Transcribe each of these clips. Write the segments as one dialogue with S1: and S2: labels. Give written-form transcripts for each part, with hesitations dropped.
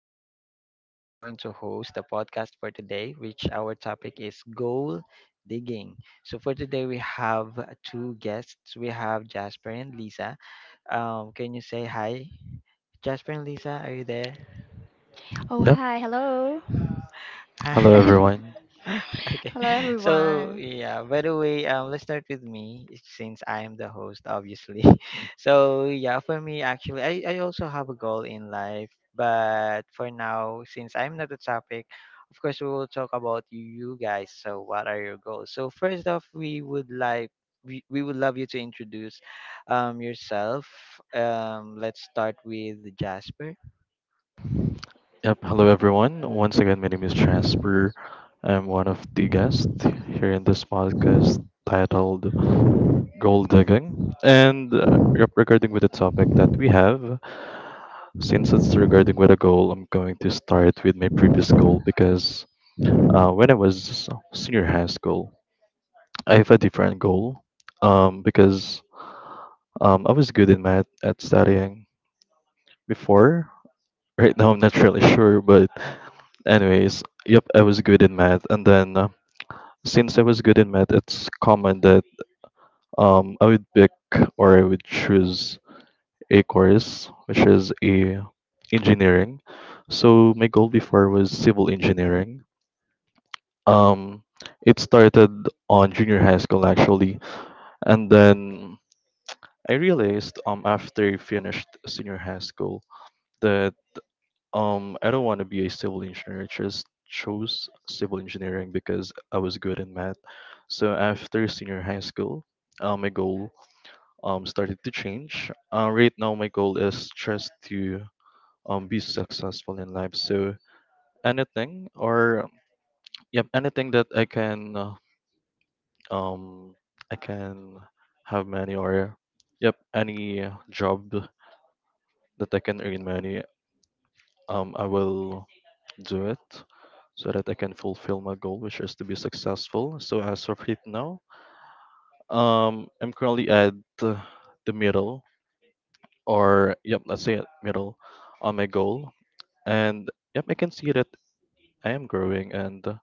S1: is Ran and I'm going to host the podcast for today, which our topic is goal digging. So for today we have two guests. We have Jasper and Lisa. Can you say hi? Jasper and Lisa, are you there?
S2: Oh,
S3: Yep.
S2: hi. Hello.
S3: Hello
S1: Hi.
S3: everyone.
S1: Okay.
S2: Hello,
S1: So
S2: everyone.
S1: yeah, by the way, let's start with me since I am the host obviously. So yeah, for me actually I also have a goal in life, but for now since I'm not the topic, of course we will talk about you guys. So what are your goals? So first off, we would love you to introduce yourself. Let's start with Jasper.
S3: Yep. Hello everyone. Once again, my name is Jasper. I'm one of the guests here in this podcast titled "Gold Digging," and regarding with the topic that we have, since it's regarding with a goal, I'm going to start with my previous goal because when I was senior high school, I have a different goal because I was good in math at studying before. Right now, I'm not really sure, but anyways, yep, I was good in math, and then since I was good in math, it's common that I would pick or I would choose a course which is a engineering. So my goal before was civil engineering. Um, it started on junior high school actually, and then I realized after I finished senior high school that I don't want to be a civil engineer. I just chose civil engineering because I was good in math. So after senior high school, my goal started to change. Right now my goal is just to be successful in life. So anything or yep, anything that um I can have money, or yep, any job that I can earn money, I will do it so that I can fulfill my goal, which is to be successful. So as of right now, I'm currently at uh, the middle, or yep, let's say at middle on my goal, and yep, I can see that I am growing and uh,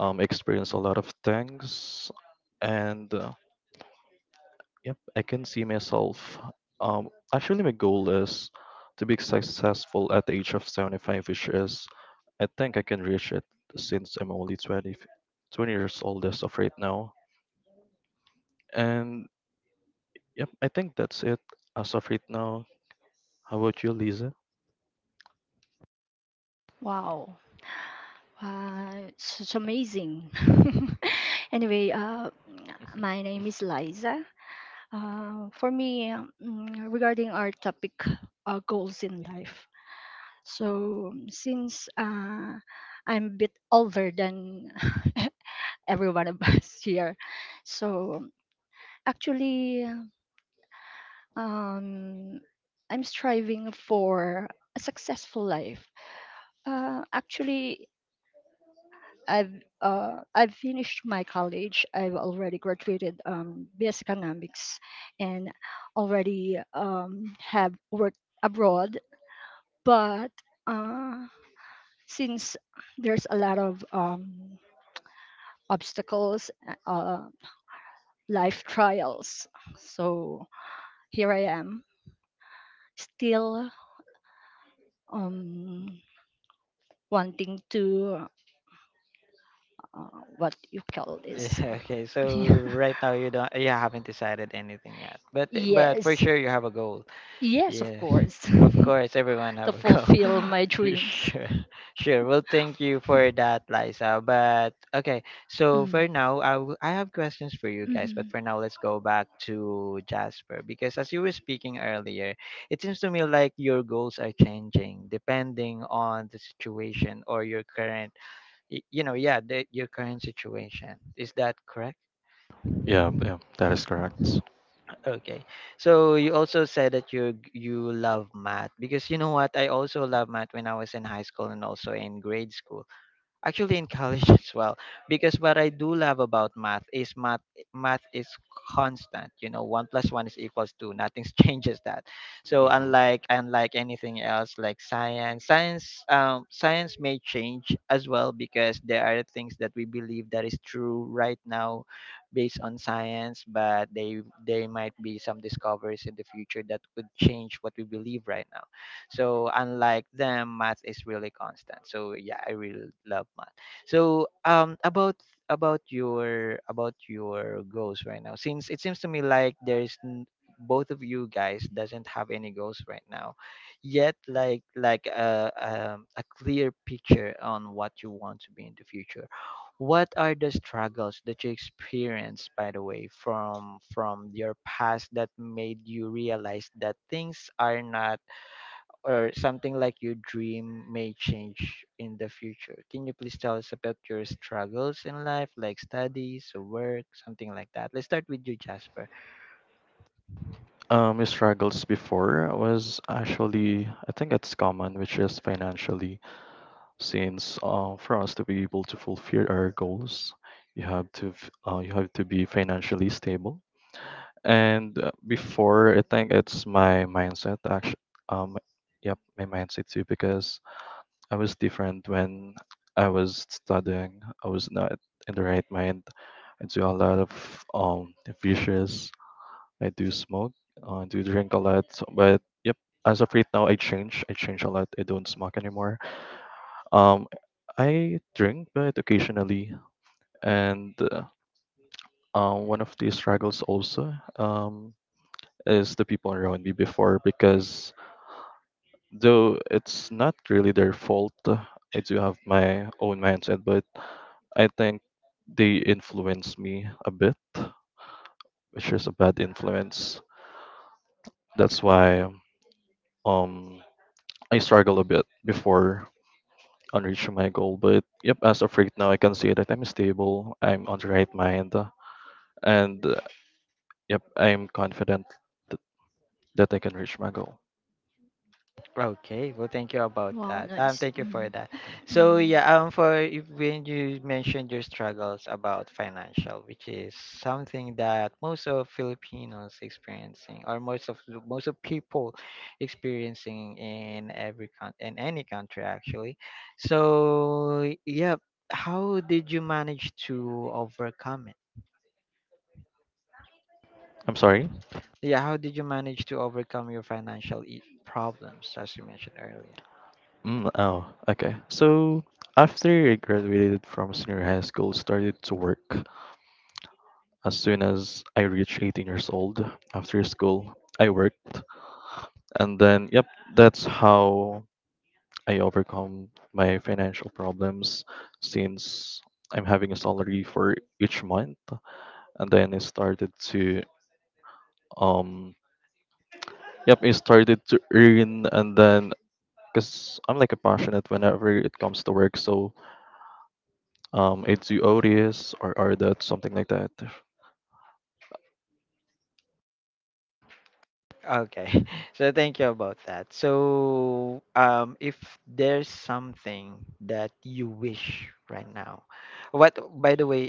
S3: um, experience a lot of things, and yep, I can see myself. Um, Actually, my goal is to be successful at the age of 75, which is, I think I can reach it since I'm only 20 years old as of right now. And yep, I think that's it as of right now. How about you, Lisa?
S2: Wow. It's such amazing. Anyway, my name is Liza. For me, regarding our topic, goals in life. So, since I'm a bit older than every one of us here, so actually, um, I'm striving for a successful life. Actually, I've finished my college. I've already graduated BS Economics, and already have worked abroad. But uh, since there's a lot of obstacles, life trials, so here I am, still um, wanting to uh, what you call this.
S1: Yeah, okay. So
S2: Yeah.
S1: right now you haven't decided anything yet. But for
S2: Yes,
S1: sure you have a goal.
S2: yes, of
S1: Yeah.
S2: course.
S1: Of course everyone have
S2: To
S1: a goal.
S2: fulfill my dreams.
S1: sure. Sure. Well, thank you for that, Liza. But okay. So
S2: Mm.
S1: for now, I have questions for you guys, but
S2: Hmm.
S1: for now let's go back to Jasper because as you were speaking earlier, it seems to me like your goals are changing depending on the situation or your current your current situation, is that correct?
S3: Yeah, yeah, that is
S1: Mm.
S3: correct.
S1: Okay. So you also said that you love math, because you know what, I also love math when I was in high school and also in grade school, actually in college as well, because what I do love about math is math is constant. You know, one plus one is equals two. Nothing changes that. So
S3: hmm
S1: unlike anything else, like science may change as well, because there are things that we believe that is true right now based on science, but they might be some discoveries in the future that could change what we believe right now. So unlike them, math is really constant. So yeah, I really love math. So about your about your goals right now, since it seems to me like both of you guys doesn't have any goals right now yet, like a clear picture on what you want to be in the future. What are the struggles that you experienced, by the way, from your past, that made you realize that things are not, or something like your dream may change in the future? Can you please tell us about your struggles in life, like studies or work, something like that? Let's start with you, Jasper.
S3: My struggles before was actually, I think it's common, which is financially. Since for us to be able to fulfill our goals, you have to be financially stable. And before, I think it's my mindset actually, um yep, my mindset too. Because I was different when I was studying. I was not in the right mind. I do a lot of vicious. I do smoke, I do drink a lot. But yep, as of right now, I change a lot. I don't smoke anymore. um, I drink, but occasionally, and one of the struggles also, is the people around me before, because though it's not really their fault, I do have my own mindset, but I think they influence me a bit, which is a bad influence. That's why, um, I struggle a bit before on reaching my goal. But yep, as of right now, I can say that I'm stable. I'm on the right mind. And yep, I'm confident th- that I can reach my goal.
S1: Okay, well, thank you about
S2: Wow,
S1: that.
S2: nice.
S1: Thank you
S2: Mm.
S1: for that. So
S2: Mm.
S1: yeah, for when you mentioned your struggles about financial, which is something that most of Filipinos experiencing, or most of people experiencing in every coun in any country actually. So yeah, how did you manage to overcome it?
S3: I'm sorry?
S1: Yeah, how did you manage to overcome your financial problems, as you mentioned earlier?
S3: Mm, oh, okay. So, after I graduated from senior high school, started to work. As soon as I reached 18 years old, after school, I worked. And then, yep, that's how I overcome my financial problems since I'm having a salary for each month. And then um, yep, I started to earn, and then because I'm like a passionate whenever it comes to work. So it's you odious or that, something like that.
S1: Okay. So thank you about that. So if there's something that you wish right now. What, by the way,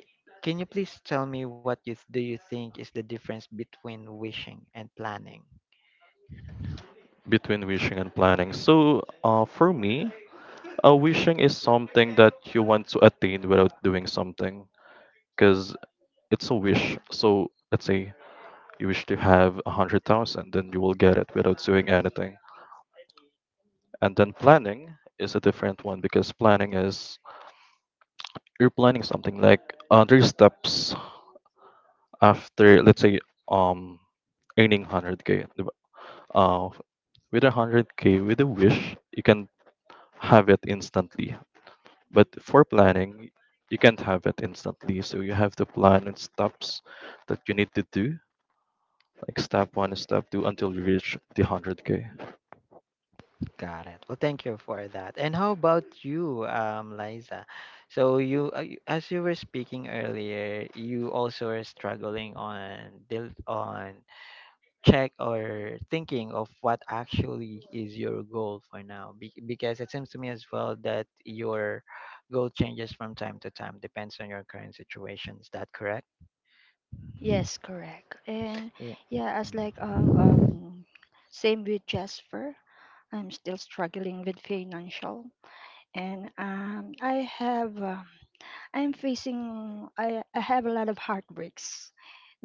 S1: can you please tell me what you do you think is the difference between wishing and planning?
S3: Between wishing and planning. So for me, wishing is something that you want to attain without doing something, because it's a wish. So let's say you wish to have 100,000, then you will get it without doing anything. And then planning is a different one because planning is, you're planning something like three steps after, let's say, um earning 100K di ba? uh with a 100K, with a wish you can have it instantly, but for planning you can't have it instantly, so you have to plan in steps that you need to do, like step one, step two, until you reach the 100K.
S1: Got it. Well, thank you for that. And how about you, Liza? So you, as you were speaking earlier, you also are struggling on deal on check or thinking of what actually is your goal for now. Because it seems to me as well that your goal changes from time to time, depends on your current situation, is that correct?
S2: Yes, correct. And
S1: Yeah.
S2: yeah, as like
S1: Mm.
S2: same with Jasper, I'm still struggling with financial, and I'm facing I have a lot of heartbreaks,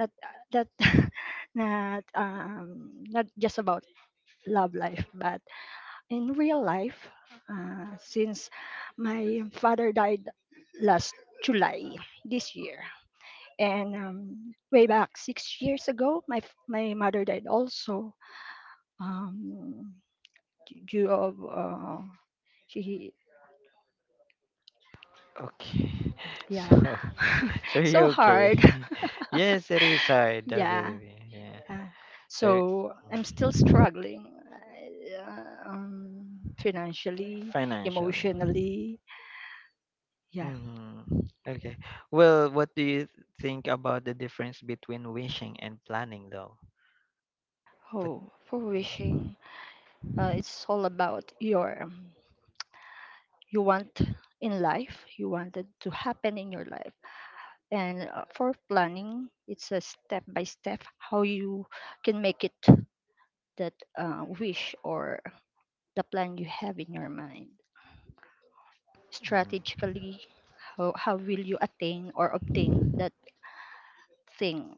S2: not that not not just about love life, but in real life since my father died last July this year. And way back 6 years ago, my mother died also, um, due of she
S1: Okay. So
S2: yeah.
S1: okay. So you
S2: So hard.
S1: okay. Yes, it is hard, I
S2: Yeah,
S1: believe you. Yeah.
S2: yeah.
S1: So
S2: So I'm still struggling, financially,
S1: financially.
S2: emotionally. Yeah.
S1: Hmm. Okay, well, what do you think about the difference between wishing and planning though? But.
S2: Oh, for wishing. It's all about your you want in life, you want it to happen in your life. And for planning, it's a step by step how you can make it that wish or the plan you have in your mind.
S1: Mm.
S2: Strategically, how will you attain or obtain that thing?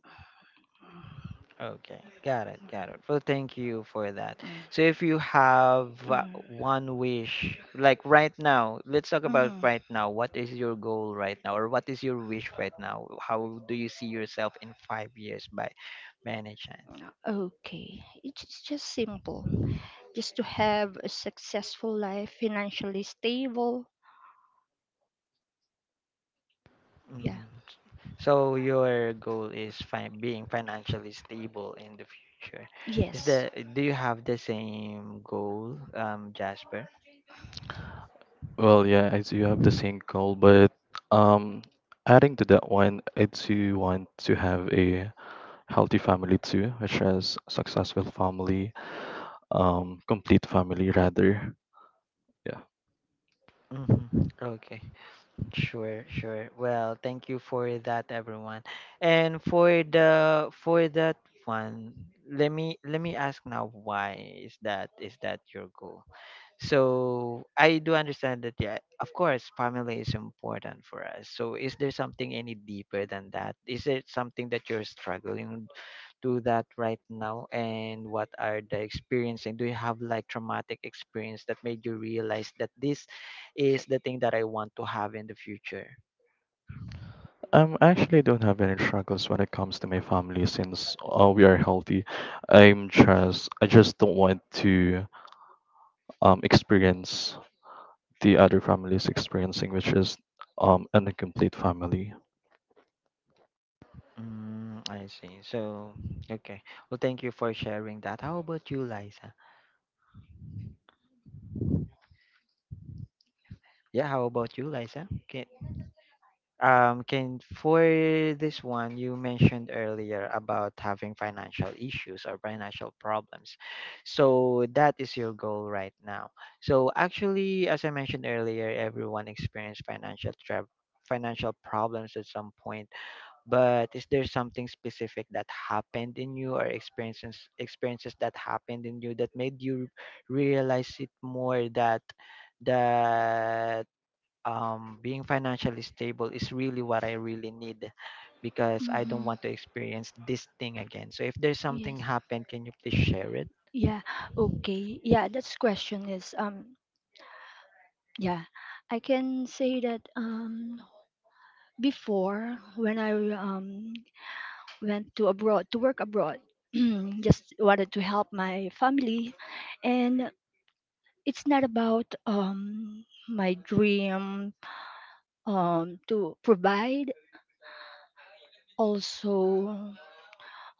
S1: Okay, got it, got it. Well, thank you for that.
S2: Mm.
S1: So, if you have one wish, like right now, let's talk about right now. What is your goal right now, or what is your wish right now? How do you see yourself in 5 years by many chance?
S2: Okay, it's just simple. Just to have a successful life, financially stable. Yeah.
S1: Mhm. So, your goal is being financially stable in the future. Is
S2: Yes.
S1: the do you have the same goal, Jasper?
S3: Well, yeah, I do have the same goal, but um, adding to that one, I do want to have a healthy family too, which is successful family, complete family rather. Yeah.
S1: Hmm. Okay. Sure, sure. Well, thank you for that, everyone. And for the for that one, let me ask now, why is that your goal? So I do understand that, yeah, of course family is important for us. So is there something any deeper than that? Is there something that you're struggling do that right now, and what are the experience, and do you have like traumatic experience that made you realize that this is the thing that I want to have in the future?
S3: I actually don't have any struggles when it comes to my family since we are healthy. I just don't want to experience the other families experiencing, which is an incomplete family.
S1: Mm, I see. So, okay. Well, thank you for sharing that. How about you, Liza? Yeah, how about you, Liza? Okay. Can for this one, you mentioned earlier about having financial issues or financial problems. So that is your goal right now. So actually, as I mentioned earlier, everyone experienced financial problems at some point. But is there something specific that happened in you, or experiences that happened in you that made you realize it more that that being financially stable is really what I really need, because I don't
S2: Mm-hmm.
S1: want to experience this thing again. So if there's something
S2: Yes.
S1: happened, can you please share it?
S2: Yeah. Okay. Yeah. That's question is. Yeah, I can say that before when I went to abroad to work abroad, just wanted to help my family, and it's not about my dream to provide. Also,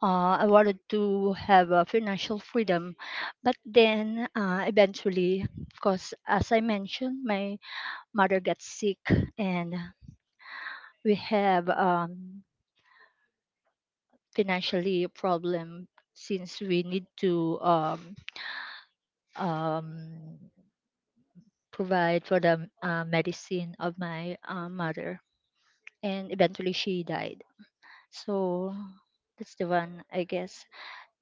S2: I wanted to have a financial freedom, but then eventually, because as I mentioned, my mother got sick, and we have financially a problem since we need to um, provide for the medicine of my mother, and eventually she died. So that's the one I guess,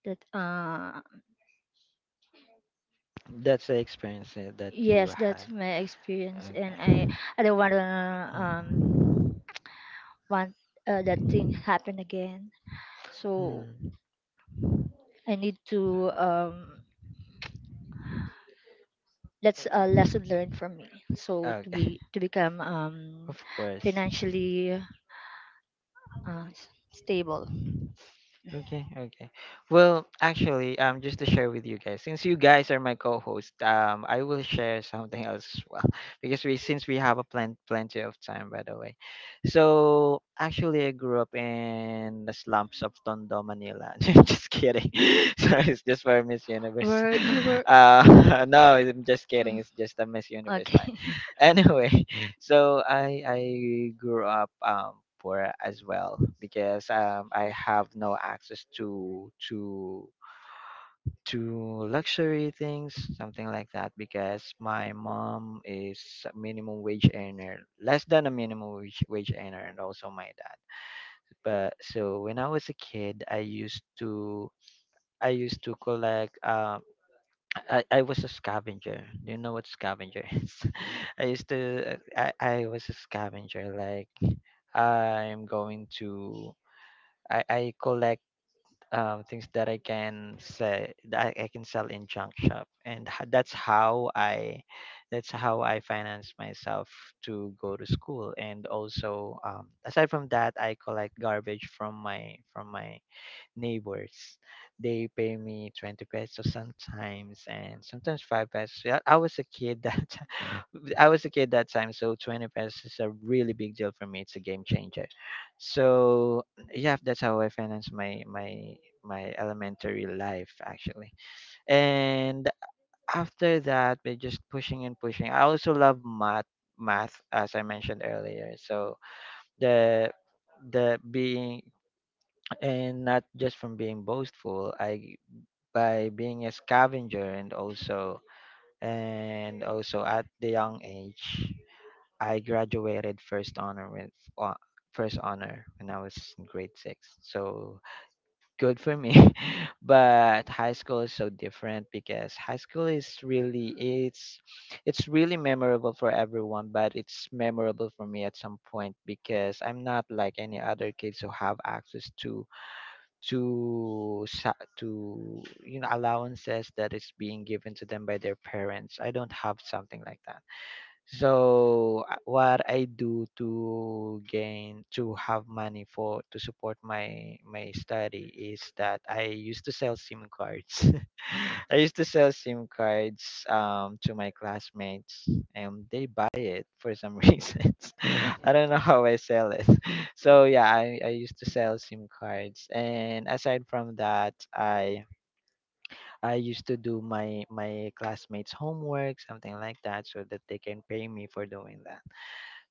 S2: that
S1: That's the experience that you
S2: yes, that's
S1: had.
S2: my experience, and
S1: Okay.
S2: I don't want to,
S1: Mm.
S2: want that thing happen again. So
S1: Mm.
S2: I need to, that's a lesson learned from me, so to
S1: Okay.
S2: be to become
S1: Of course.
S2: financially stable.
S1: Okay, okay. Well, actually, just to share with you guys, since you guys are my co-host, I will share something else as well because we since we have a plenty of time, by the way. So actually, I grew up in the slums of Tondo, Manila. Just kidding. So it's just for Miss Universe.
S2: Where you were.
S1: No, I'm just kidding.
S2: Mm,
S1: It's just a Miss Universe line.
S2: okay.
S1: Anyway, so I grew up poor as well, because I have no access to to luxury things, something like that, because my mom is a minimum wage earner, less than a minimum wage earner, and also my dad. But so when I was a kid, I used to collect I was a scavenger. Do you know what scavenger is? I used to I was a scavenger, like I'm going to I collect things that I can say that I can sell in junk shop, and that's how I finance myself to go to school. And also, aside from that, I collect garbage from my neighbors. They pay me 20 pesos sometimes, and sometimes 5 pesos. Yeah, I was a kid that I was a kid that time, so 20 pesos is a really big deal for me. It's a game changer. So, yeah, that's how I finance my my elementary life actually. And after that, we're just pushing and pushing. I also love math as I mentioned earlier. So, the the being and not just from being boastful, I by being a scavenger, and also at the young age, I graduated first honor with uh, first honor when I was in grade 6. So, good for me. But high school is so different, because high school is really it's really memorable for everyone, but it's memorable for me at some point, because I'm not like any other kids who have access to to you know allowances that is being given to them by their parents. I don't have something like that. So what I do to gain to have money for to support my my study is that I used to sell SIM cards. I used to sell SIM cards to my classmates, and they buy it for some reasons. I
S3: Mhm.
S1: don't know how I sell it. So yeah, I used to sell SIM cards, and aside from that I used to do my classmates' homework, something like that, so that they can pay me for doing that.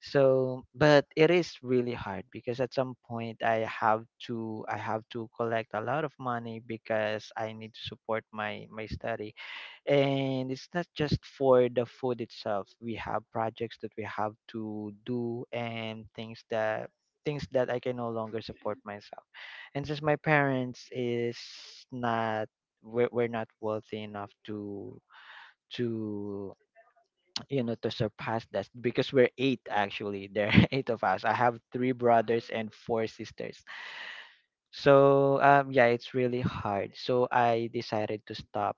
S1: So, but it is really hard because at some point I have to collect a lot of money because I need to support my study, and it's not just for the food itself. We have projects that we have to do and things that I can no longer support myself. And since my parents is not, we're not wealthy enough to to to surpass that, because we're eight. Actually, there are eight of us. I have three brothers and four sisters. So yeah, it's really hard, so I decided to stop.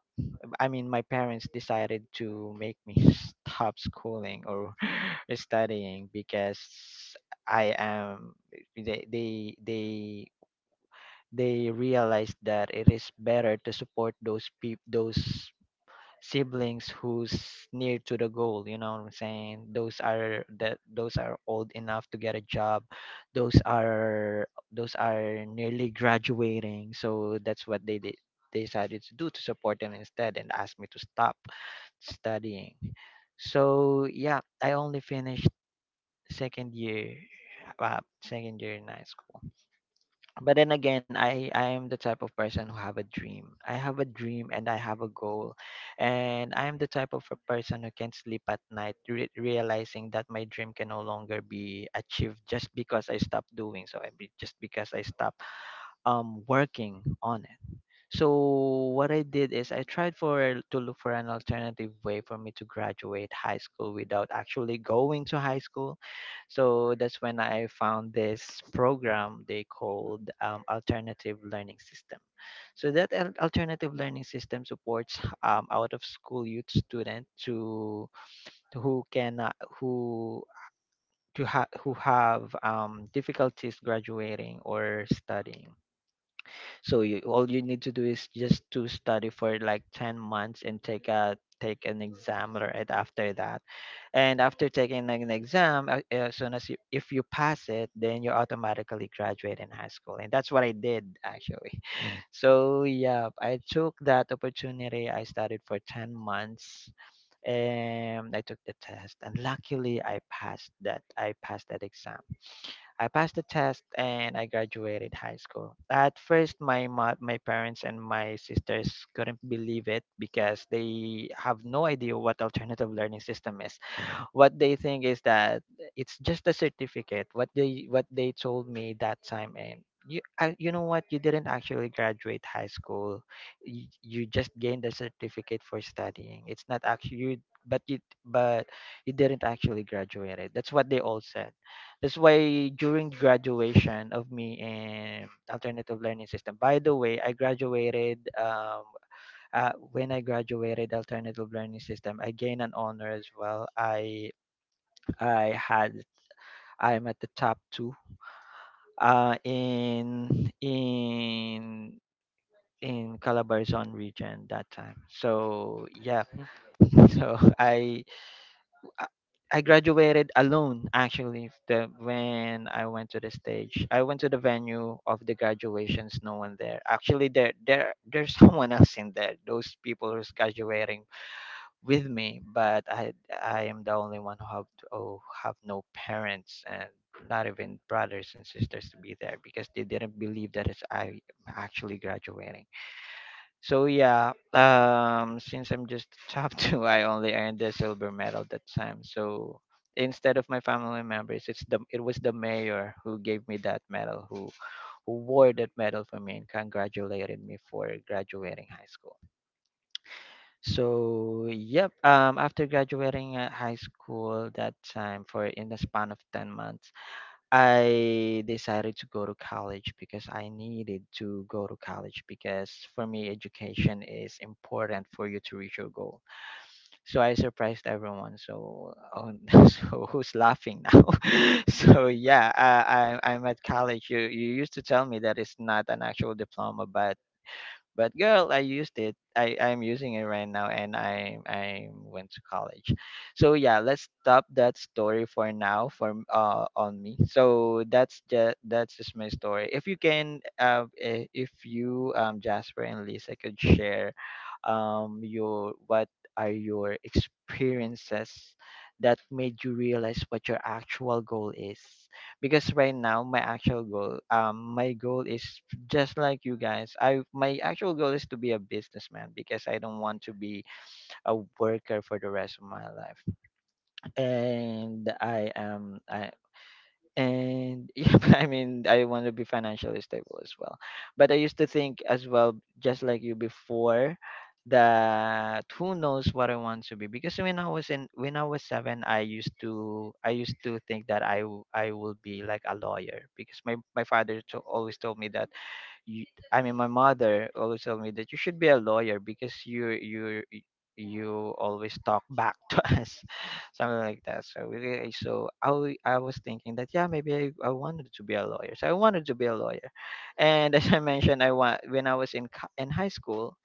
S1: I mean, my parents decided to make me stop schooling or studying because I am they they realized that it is better to support those peop those siblings who's near to the goal, you know what I'm saying. Those are that those are old enough to get a job. Those are those are nearly graduating. So that's what they did. They decided to do to support them instead and asked me to stop studying. So yeah, I only finished second year, second year in high school. But then again, I am the type of person who have a dream. I have a dream and I have a goal, and I am the type of a person who can sleep at night realizing that my dream can no longer be achieved just because I stopped doing so. Just because I stopped working on it. So what I did is I tried for to look for an alternative way for me to graduate high school without actually going to high school. So that's when I found this program they called, Alternative Learning System. So that alternative learning system supports, out of school youth student to, who can who who have, difficulties graduating or studying. So you, all you need to do is just to study for like 10 months and take an exam right after that. And after taking an exam, as soon as you, if you pass it, then you automatically graduate in high school. And that's what I did actually. So yeah, I took that opportunity. I studied for 10 months, and I took the test, and luckily I passed that exam. I passed the test and I graduated high school. At first, my my parents and my sisters couldn't believe it because they have no idea what alternative learning system is. What they think is that it's just a certificate. What they told me that time: and you I, you know what, you didn't actually graduate high school. You you, just gained a certificate for studying. It's not actually you, but but you didn't actually graduate it. That's what they all said. That's why during graduation of me in alternative learning system, by the way, I graduated, um, when I graduated alternative learning system, I gained an honor as well. I had I'm at the top two, uh, in in in Calabarzon region that time. So yeah, so I I graduated alone actually. When I went to the stage, I went to the venue of the graduations. No one there. Actually, there's someone else in there. Those people who's graduating with me, but I am the only one who have to, oh, have no parents and not even brothers and sisters to be there, because they didn't believe that it's, I am actually graduating. So yeah, since I'm just top two, I only earned the silver medal that time. So instead of my family members, it was the mayor who gave me that medal, who wore that medal for me and congratulated me for graduating high school. So, yep, after graduating at high school that time for in the span of 10 months, I decided to go to college, because I needed to go to college, because for me, education is important for you to reach your goal. So I surprised everyone. So, oh, so who's laughing now? So yeah, I'm at college. You used to tell me that it's not an actual diploma, but girl, I used it. I'm using it right now, and I went to college. So yeah, let's stop that story for now for on me. So that's just my story. If you can, if you, Jasper and Lisa could share, your what are your experiences that made you realize what your actual goal is. Because right now my actual goal, my goal is just like you guys. I My actual goal is to be a businessman because I don't want to be a worker for the rest of my life. And I am I and yeah, I mean, I want to be financially stable as well. But I used to think as well, just like you before, that who knows what I want to be. Because when I was in, when I was seven, I used to think that I will be like a lawyer because my father always told me that you, I mean, my mother always told me that you should be a lawyer because you always talk back to us, something like that. So really, so I was thinking that yeah, maybe I wanted to be a lawyer. So I wanted to be a lawyer, and as I mentioned, I want when I was in in high school,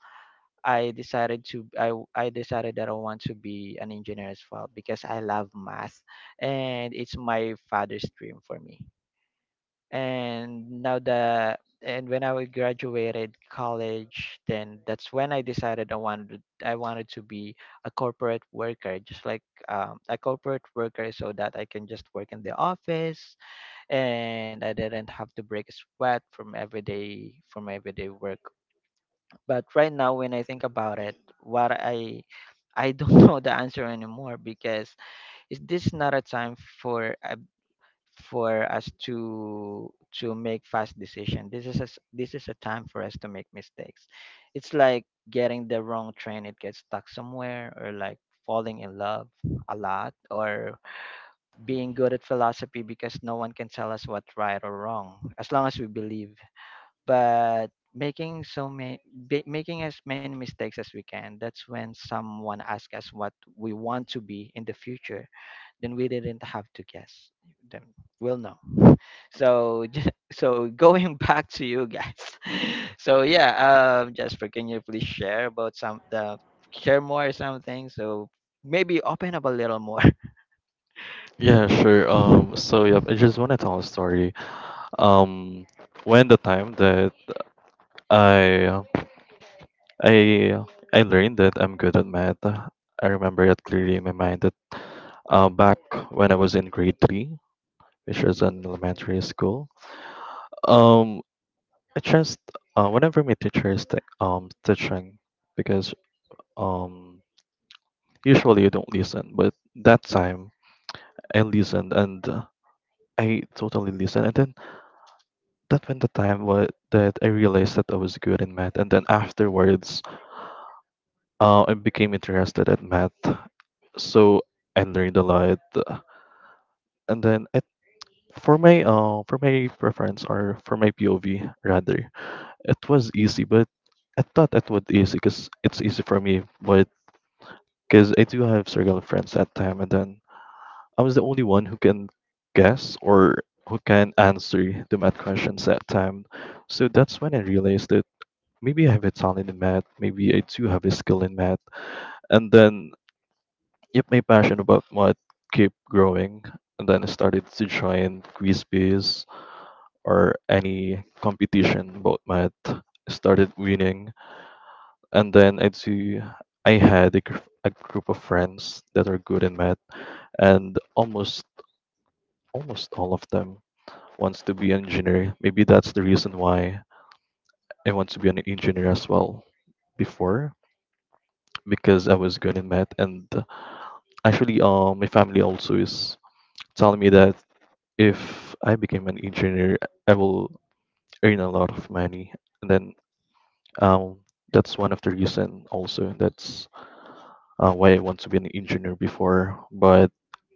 S1: I decided to I decided that I want to be an engineer as well because I love math, and it's my father's dream for me. And now the and when I graduated college, then that's when I decided I wanted to be a corporate worker, just like, a corporate worker, so that I can just work in the office and I didn't have to break a sweat from everyday work. But right now, when I think about it, what I don't know the answer anymore. Because is this not a time for a for us to make fast decision? This is a, this is a time for us to make mistakes. It's like getting the wrong train. It gets stuck somewhere, or like falling in love a lot, or being good at philosophy, because no one can tell us what's right or wrong as long as we believe. But making so many making as many mistakes as we can, that's when someone asks us what we want to be in the future, then we didn't have to guess, then we'll know. So so going back to you guys, so yeah, Jasper, can you please share about some, share more something, so maybe open up a little more?
S3: Yeah, sure. So yeah, I just want to tell a story. Um, when the time that I I I learned that I'm good at math, I remember it clearly in my mind that, back when I was in grade three, which was an elementary school, um, I just whenever my teacher is teaching, because um usually you don't listen, but that time and listened and I totally listened. And then that went the time that I realized that I was good in math. And then afterwards, I became interested in math. So I learned a lot. And then, it, for my preference, or for my POV rather, it was easy. But I thought it would easy because it's easy for me. But because I do have circle of friends that time, and then I was the only one who can guess or who can answer the math questions that time. So that's when I realized that maybe I have a talent in math, maybe I do have a skill in math. And then, yep, my passion about math kept growing. And then I started to join quiz bees or any competition about math. I started winning. And then I had a group of friends that are good in math, and almost all of them wants to be an engineer. Maybe that's the reason why I want to be an engineer as well before, because I was good in math, and actually, my family also is telling me that if I became an engineer, I will earn a lot of money. And then, um that's one of the reason also, that's why I want to be an engineer before. But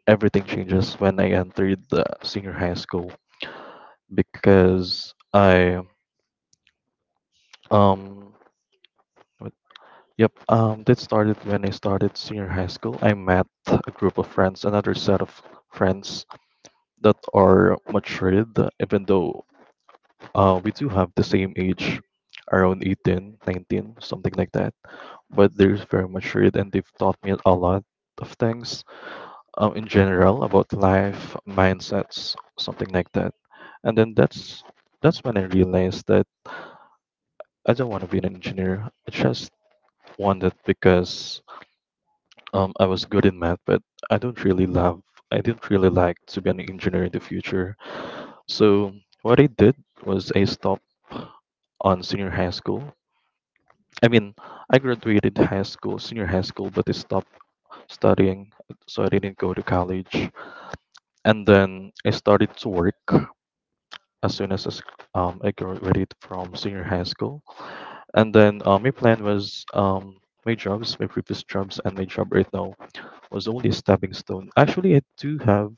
S3: everything changes when I entered the senior high school, because I um Yep, that started when I started senior high school. I met a group of friends, another set of friends that are matured, even though we do have the same age, around 18, 19, something like that. But they're very matured and they've taught me a lot of things, in general about life, mindsets, something like that. And then that's when I realized that I don't want to be an engineer. I just wanted, because I was good in math, but I don't really love, I didn't really like to be an engineer in the future. So what I did was I stopped on senior high school. I mean, I graduated high school, senior high school, but I stopped studying, so I didn't go to college. And then I started to work as soon as I graduated from senior high school. And then my plan was, my jobs, my previous jobs, and my job right now was only a stepping stone. Actually, I do have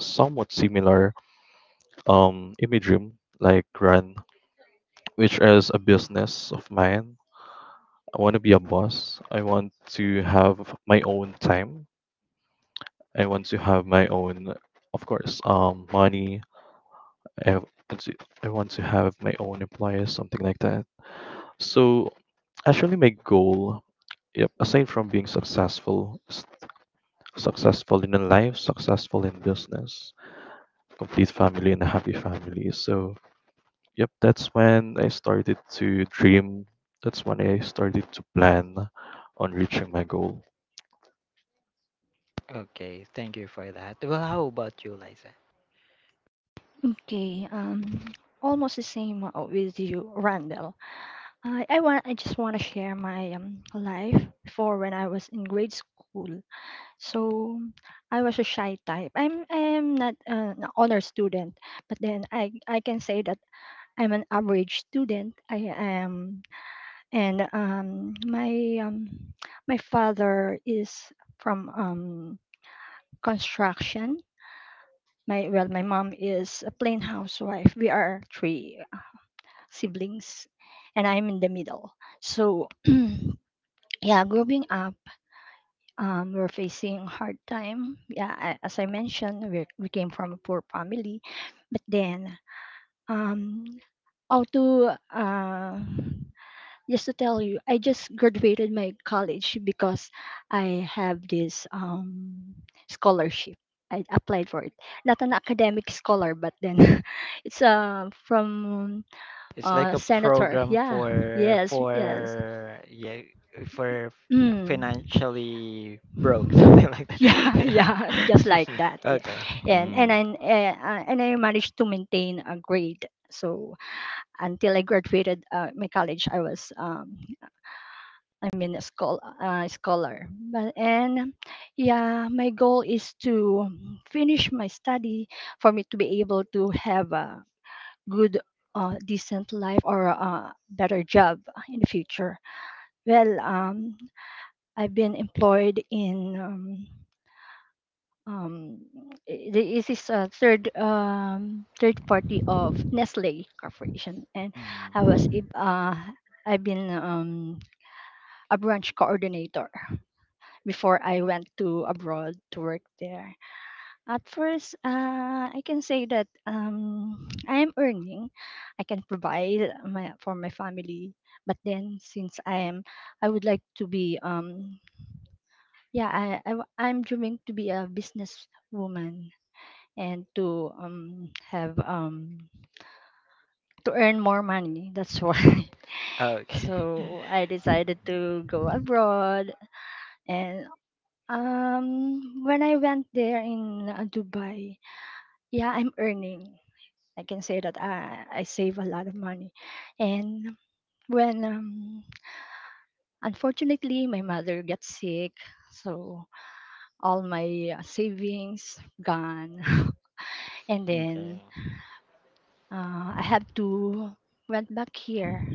S3: somewhat similar imagery like run which is a business of mine. I want to be a boss, I want to have my own time, I want to have my own, of course, money, i want to, I want to have my own employees, something like that. So actually my goal, yep, aside from being successful, successful in life, successful in business, complete family and a happy family. So yep, that's when I started to dream. That's when I started to plan on reaching my goal.
S1: Okay, thank you for that. Well, how about you, Liza?
S2: Okay, almost the same, with you, Randall. I want, I just want to share my life before when I was in grade school. So I was a shy type, I'm not, an honor student, but then I can say that I'm an average student. I am, and my father is from construction. My, well, my mom is a plain housewife. We are three siblings, and I'm in the middle. So yeah, growing up, we're facing hard time. Yeah, as I mentioned, we came from a poor family, but then, um, how to, just to tell you, I just graduated my college because I have this scholarship. I applied for it. Not an academic scholar, but then it's from
S1: It's like a
S2: senator.
S1: program
S2: Yeah,
S1: for
S2: yes, yes.
S1: yeah, for
S2: Mm.
S1: financially broke, something like
S2: Yeah,
S1: that.
S2: yeah,
S1: Yeah.
S2: just like that. Yeah.
S1: Okay.
S2: And and
S3: Mm.
S2: I and I managed to maintain a grade. So until I graduated my college, I was I mean, a school, scholar. But, and yeah, my goal is to finish my study for me to be able to have a good, decent life or a better job in the future. Well, I've been employed in. Um, this is a third, third party of Nestle Corporation, and I was
S1: Mm.
S2: ab- uh, I've been a branch coordinator before I went to abroad to work there. At first, I can say that I am earning, I can provide my for my family. But then, since I am, I would like to be yeah, I'm dreaming to be a businesswoman and to have to earn more money. That's why.
S1: Okay.
S2: So I
S1: Mm.
S2: decided to go abroad. And when I went there in Dubai, yeah, I'm earning. I can say that I save a lot of money. And when, unfortunately, my mother got sick, so all my savings gone. And then
S1: Okay.
S2: I have to went back here.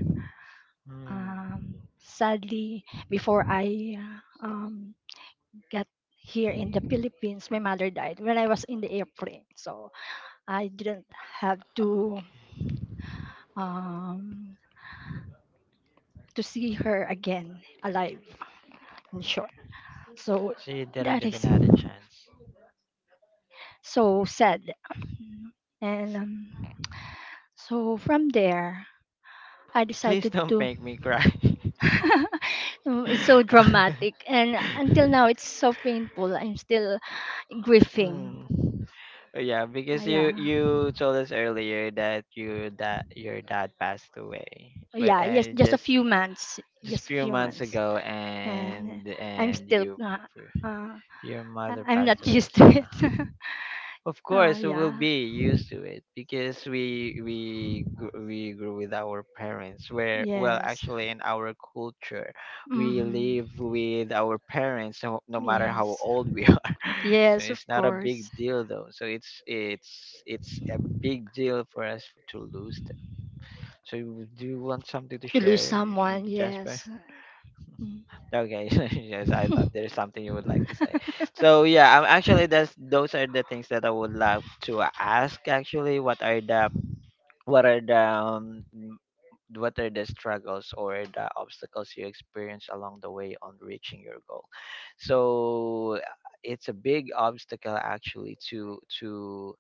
S1: Mm.
S2: Sadly, before I got here in the Philippines, my mother died when I was in the airplane. So I didn't have
S1: Okay.
S2: um, to see her again alive. In short, so
S1: So you didn't
S2: that is
S1: even had a chance.
S2: so sad. And so from there, I
S1: Please
S2: decided
S1: don't
S2: to.
S1: make me cry.
S2: Mm, it's so dramatic, and until now, it's so painful. I'm still grieving.
S1: Mm. Yeah, because
S2: Yeah,
S1: you told us earlier that your dad passed away, but,
S2: yeah, yes,
S1: and
S2: just a few months,
S1: just
S2: just a
S1: few
S2: few
S1: months
S2: months,
S1: ago,
S2: and
S1: and
S2: I'm still.
S1: you,
S2: Uh,
S1: your mother
S2: I'm
S1: passed
S2: not
S1: away as
S2: used to
S1: well.
S2: it.
S1: Of
S2: Oh
S1: course, we will
S2: yeah.
S1: be used to it, because we grew with our parents. Where, well,
S2: Yes.
S1: actually, in our culture, we
S2: Hmm.
S1: live with our parents, no, no matter how
S2: Yes.
S1: old we are. So
S2: Yes, of
S1: it's not a
S2: course.
S1: big deal though. So it's a big deal for us to lose them. So do you want something to
S2: To lose
S1: share,
S2: someone,
S1: Jasper?
S2: yes. Mm.
S1: Okay, yes, I thought there's something you would like to say. So yeah, actually, that's those are the things that I would love to ask. Actually, what are the, what are the struggles or the obstacles you experience along the way on reaching your goal? So it's a big obstacle actually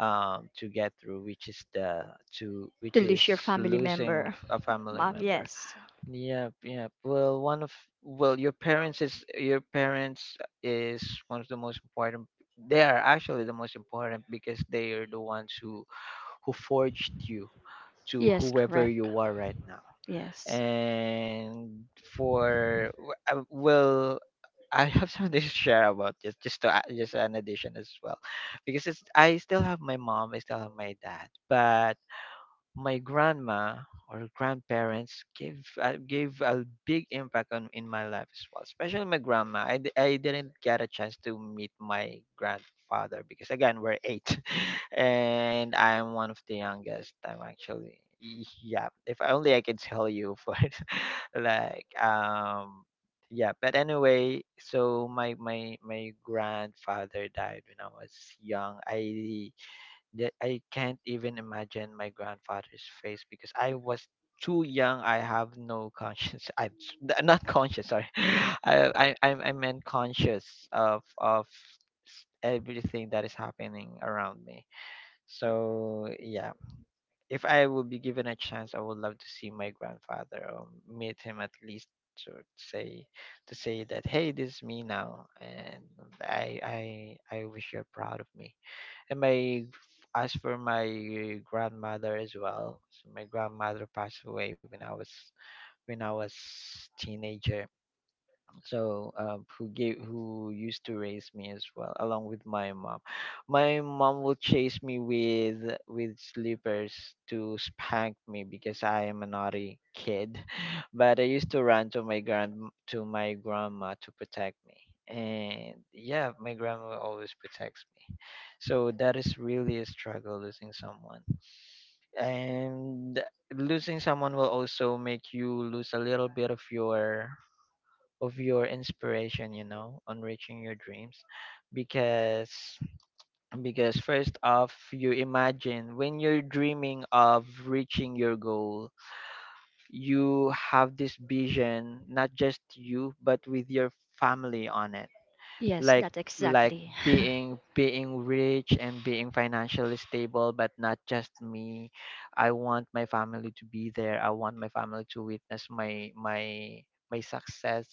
S1: to get through, which is the to
S2: To
S1: which
S2: lose
S1: is
S2: your family
S1: losing
S2: member.
S1: a family
S2: Mom,
S1: member.
S2: yes.
S1: Yep, yep. Well, your parents is, your parents is one of the most important. They are actually the most important, because they are the ones who forged you to
S2: Yes,
S1: whoever
S2: correct.
S1: you are right now.
S2: Yes.
S1: And well, I have something to share about this, just to just an addition as well, because it's, I still have my mom, I still have my dad, but my grandma or grandparents gave, gave a big impact on in my life as well, especially my grandma. I didn't get a chance to meet my grandfather because, again, we're eight and I'm one of the youngest. I'm actually yeah, if only I could tell you for it, like yeah. But anyway, so my grandfather died when I was young. I That I can't even imagine my grandfather's face because I was too young. I have no conscience. I'm not conscious. Sorry, I meant conscious of everything that is happening around me. So yeah, if I would be given a chance, I would love to see my grandfather or meet him at least to say say that hey, this is me now, and I wish you're proud of me and my as for my grandmother as well. So my grandmother passed away when I was teenager. So who used to raise me as well along with my mom. My mom will chase me with slippers to spank me because I am a naughty kid, but I used to run to my grandma to protect me. And yeah, my grandma always protects me. So that is really a struggle, losing someone. And losing someone will also make you lose a little bit of your inspiration, you know, on reaching your dreams. Because first off, you imagine when you're dreaming of reaching your goal, you have this vision, not just you but with your family on it,
S2: Yes,
S1: like
S2: that
S1: like
S2: exactly.
S1: being rich and being financially stable, but not just me. I want my family to be there. I want my family to witness my success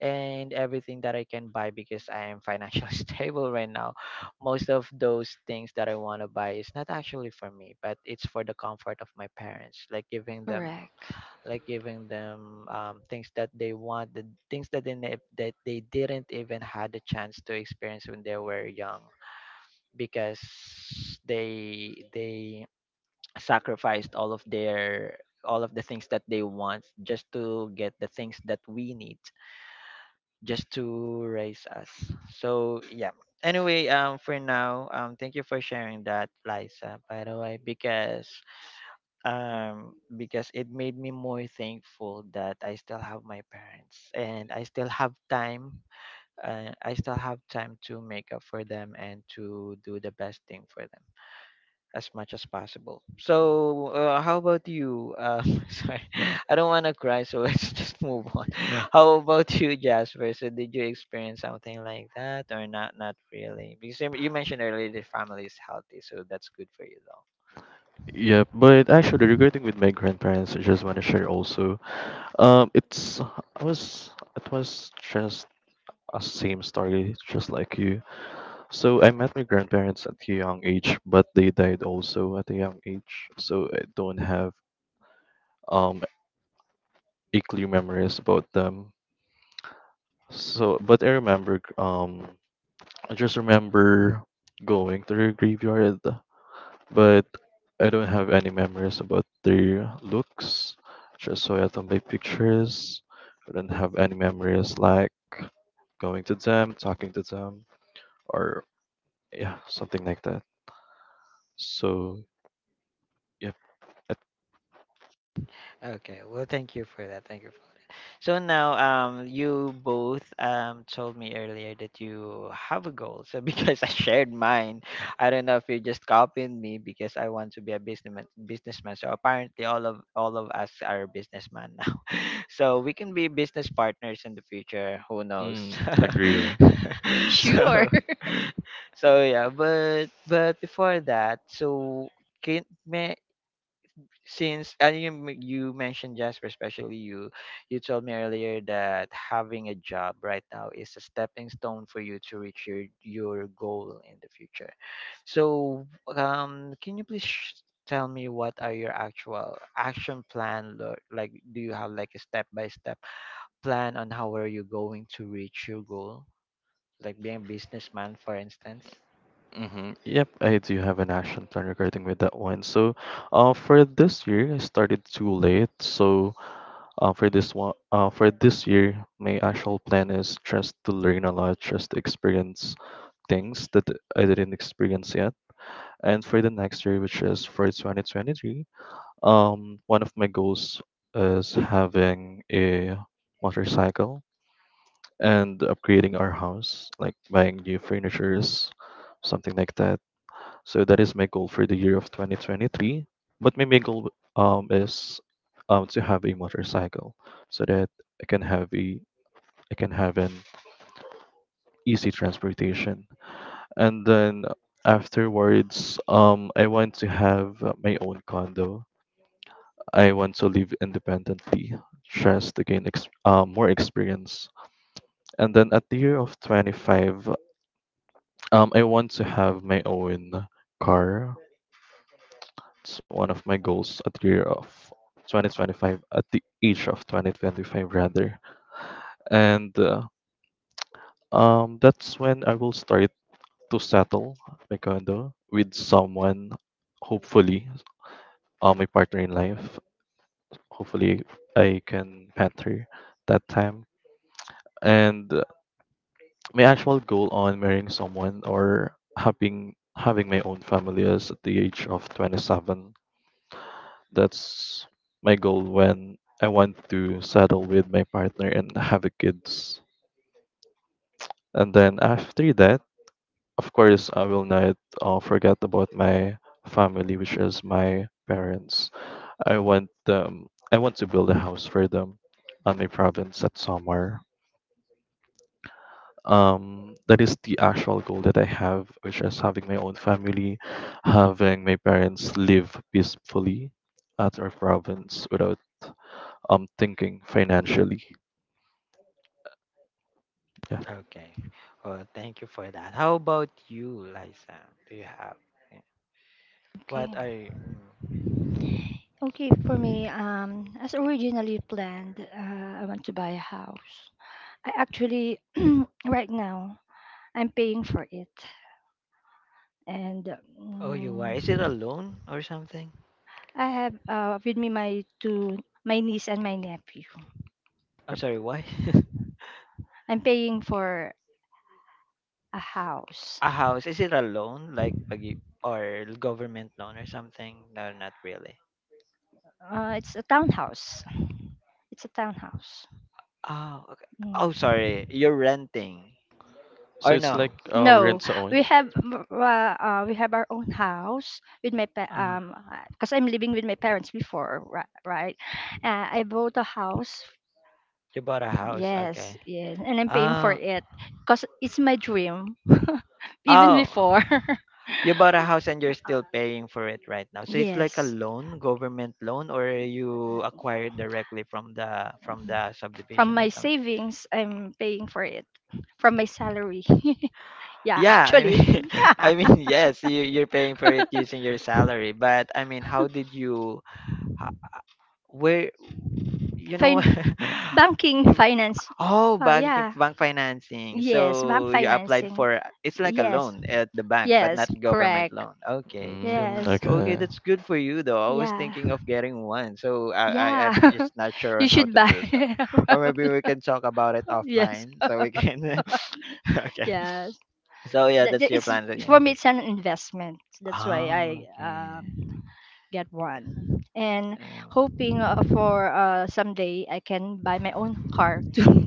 S1: and everything that I can buy because I am financially stable right now. Most of those things that I want to buy is not actually for me, but it's for the comfort of my parents,
S2: Correct.
S1: like giving them things that they want, the things that they ne- that they didn't even had a chance to experience when they were young, because they sacrificed all of their all of the things that they want just to get the things that we need, just to raise us. So yeah. Anyway, for now, thank you for sharing that, Liza. By the way, because because it made me more thankful that I still have my parents and I still have time I still have time to make up for them and to do the best thing for them as much as possible. So how about you? Sorry, I don't want to cry, so let's just move on. How about you, Jasper? So did you experience something like that or not? Not really, because you mentioned earlier the family is healthy, so that's good for you.
S3: Yeah, but actually, regarding with my grandparents, I just want to share also. It was just a same story, just like you. So I met my grandparents at a young age, but they died also at a young age. So I don't have um a clear memories about them. So, but I just remember going to their graveyard, but I don't have any memories about their looks. Just saw it on my pictures. I don't have any memories like going to them, talking to them, or yeah, something like that. So yep.
S1: Okay, well, thank you for that. Thank you for that. So now, you both told me earlier that you have a goal. So because I shared mine, I don't know if you just copied me because I want to be a businessman. Businessman. So apparently, all of us are businessman now. So we can be business partners in the future. Who knows?
S3: Mm, agree.
S1: so,
S2: Sure.
S1: so yeah. But before that, so can may since and you m- you mentioned Jasper, especially you, you told me earlier that having a job right now is a stepping stone for you to reach your goal in the future. So, can you tell me what are your actual action plan? Like, do you have like a step by step plan on how are you going to reach your goal? Like being a businessman, for instance.
S3: Yep, I do have an action plan regarding with that one. So, for this year, I started too late. So, for this one, for this year, my actual plan is just to learn a lot, just to experience things that I didn't experience yet. And for the next year, which is for 2023, one of my goals is having a motorcycle and upgrading our house, like buying new furnitures, something like that. So that is my goal for the year of 2023. But my main goal is to have a motorcycle so that I can have a I can have an easy transportation. And then afterwards, I want to have my own condo. I want to live independently, just to gain more experience. And then at the year of 25. I want to have my own car. It's one of my goals at the year of 2025, at the age of 2025 rather. And That's when I will start to settle my condo with someone, hopefully, my partner in life. Hopefully, I can pet her that time. And My actual goal on marrying someone or having my own family is at the age of 27. That's my goal when I want to settle with my partner and have a kids. And then after that, of course, I will not forget about my family, which is my parents. I want them. I want to build a house for them on my province at Samar. That is the actual goal that I have, which is having my own family, having my parents live peacefully at our province without thinking financially. Yeah.
S1: Okay. Well, thank you for that. How about you, Liza? Do you have?
S2: Okay.
S1: What are you? Mm.
S2: Okay, for me, as originally planned, I want to buy a house. I actually, right now, I'm paying for it, and
S1: Oh, you why?
S2: um,
S1: Is it a loan or something?
S2: I have with me my two, my niece and my nephew.
S1: I'm sorry, why?
S2: I'm paying for a house.
S1: A house? Is it a loan, like pag you- or government loan or something? No, not really.
S2: It's a townhouse. It's a townhouse.
S1: Oh, okay. Oh,
S2: Mm.
S1: sorry. You're renting
S3: So
S1: or
S3: it's like
S1: no?
S3: rent
S2: No,
S3: to own.
S2: we have our own house with
S1: Uh,
S2: because I'm living with my parents before, right? I bought a house.
S1: you bought a house,
S2: Yes,
S1: okay?
S2: yes, and I'm paying for
S1: Uh,
S2: it because it's my dream even
S1: oh.
S2: before.
S1: You bought a house and you're
S2: Uh,
S1: still paying for it right now. So it's like a
S2: yes,
S1: loan, government loan, or you acquired directly from the
S2: from
S1: subdivision or
S2: my
S1: something.
S2: savings, I'm paying for it from my salary. Yeah,
S1: Yeah, I
S2: actually,
S1: mean, I
S2: yeah.
S1: mean, yes, you're paying for it using your salary, but I mean, how did you, ho- where? You know.
S2: fin- Banking
S1: You-
S2: finance.
S1: oh,
S2: Oh,
S1: bank
S2: yeah.
S1: financing.
S2: Yes, bank
S1: So you applied
S2: financing.
S1: for it's like a
S2: Yes.
S1: loan at the bank but
S2: Yes,
S1: not government
S2: correct.
S1: loan, okay. So
S3: Mm,
S2: Yes.
S1: okay,
S3: okay.
S1: that's good for you though. I was
S2: Yeah.
S1: thinking of getting one so I I'm
S2: Yeah.
S1: just not sure
S2: You
S1: on how
S2: should
S1: to
S2: buy.
S1: do so, or maybe we can talk about it
S2: Yes.
S1: offline so we can okay
S2: Yes.
S1: so yeah that's your
S2: It's,
S1: plan so yeah.
S2: for me it's an investment. That's why I
S1: Oh, okay.
S2: um get one. And hoping for someday I can
S1: Uh,
S2: buy my own car too,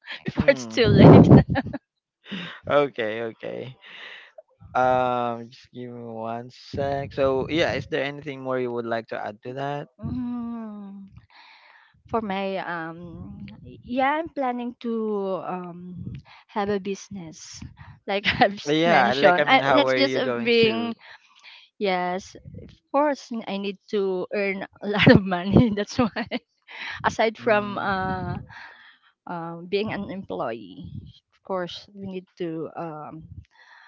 S2: before it's too late.
S1: Mm. Okay, okay. Just give me one sec. So, yeah, is there anything more you would like to add to that?
S2: Mm, for my yeah, I'm planning to have a business, like
S1: Yeah, like
S2: mentioned,
S1: I mean, how
S2: that's
S1: are
S2: just
S1: you going to?
S2: being yes of course, I need to earn a lot of money that's why. Aside from
S1: Mm,
S2: being an employee, of course, we need to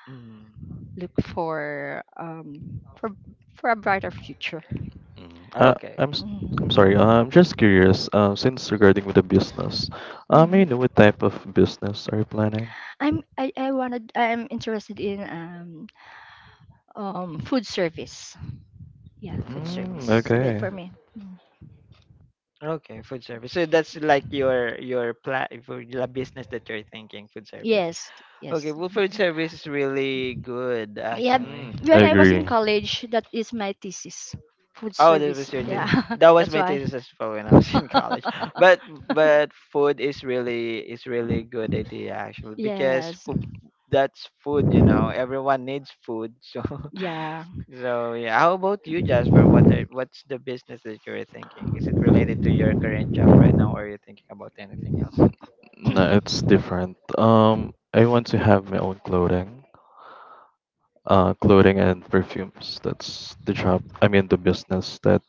S1: mm,
S2: look for for for a brighter future.
S3: Mm.
S1: okay.
S3: I'm
S2: Mhm.
S3: sorry. I'm just curious. Since regarding with the business, may I
S2: Mhm.
S3: know what type of business are you planning?
S2: I wanted, I'm interested in food service. Yeah, food
S1: Mm,
S3: Mm,
S2: service good
S3: okay.
S2: for me. Mm.
S1: okay, food service. So that's like your plan for the business that you're thinking, food service.
S2: Yes,
S1: Okay,
S2: yes. that's
S1: Wilfred
S2: what-
S1: service is really good
S2: Yeah,
S1: actually.
S3: Mm, I
S2: when I was in
S3: agree.
S2: college, that is my thesis, food
S1: Oh, that
S2: service.
S1: was your
S2: Yeah,
S1: thesis.
S3: Mm,
S1: That was
S2: that's
S1: my
S2: why.
S1: thesis as well when I was in college. But food is really good idea actually because
S2: Yes,
S1: food, that's food, you know. Everyone needs food. So
S2: yeah.
S1: so yeah. How about you, Jasper? What are what's the business that you're thinking? Is it related to your current job right now, or are you thinking about anything else?
S3: no, it's different. I want to have my own clothing. Clothing and
S1: Mm-hmm.
S3: perfumes. That's the job. I mean, the business that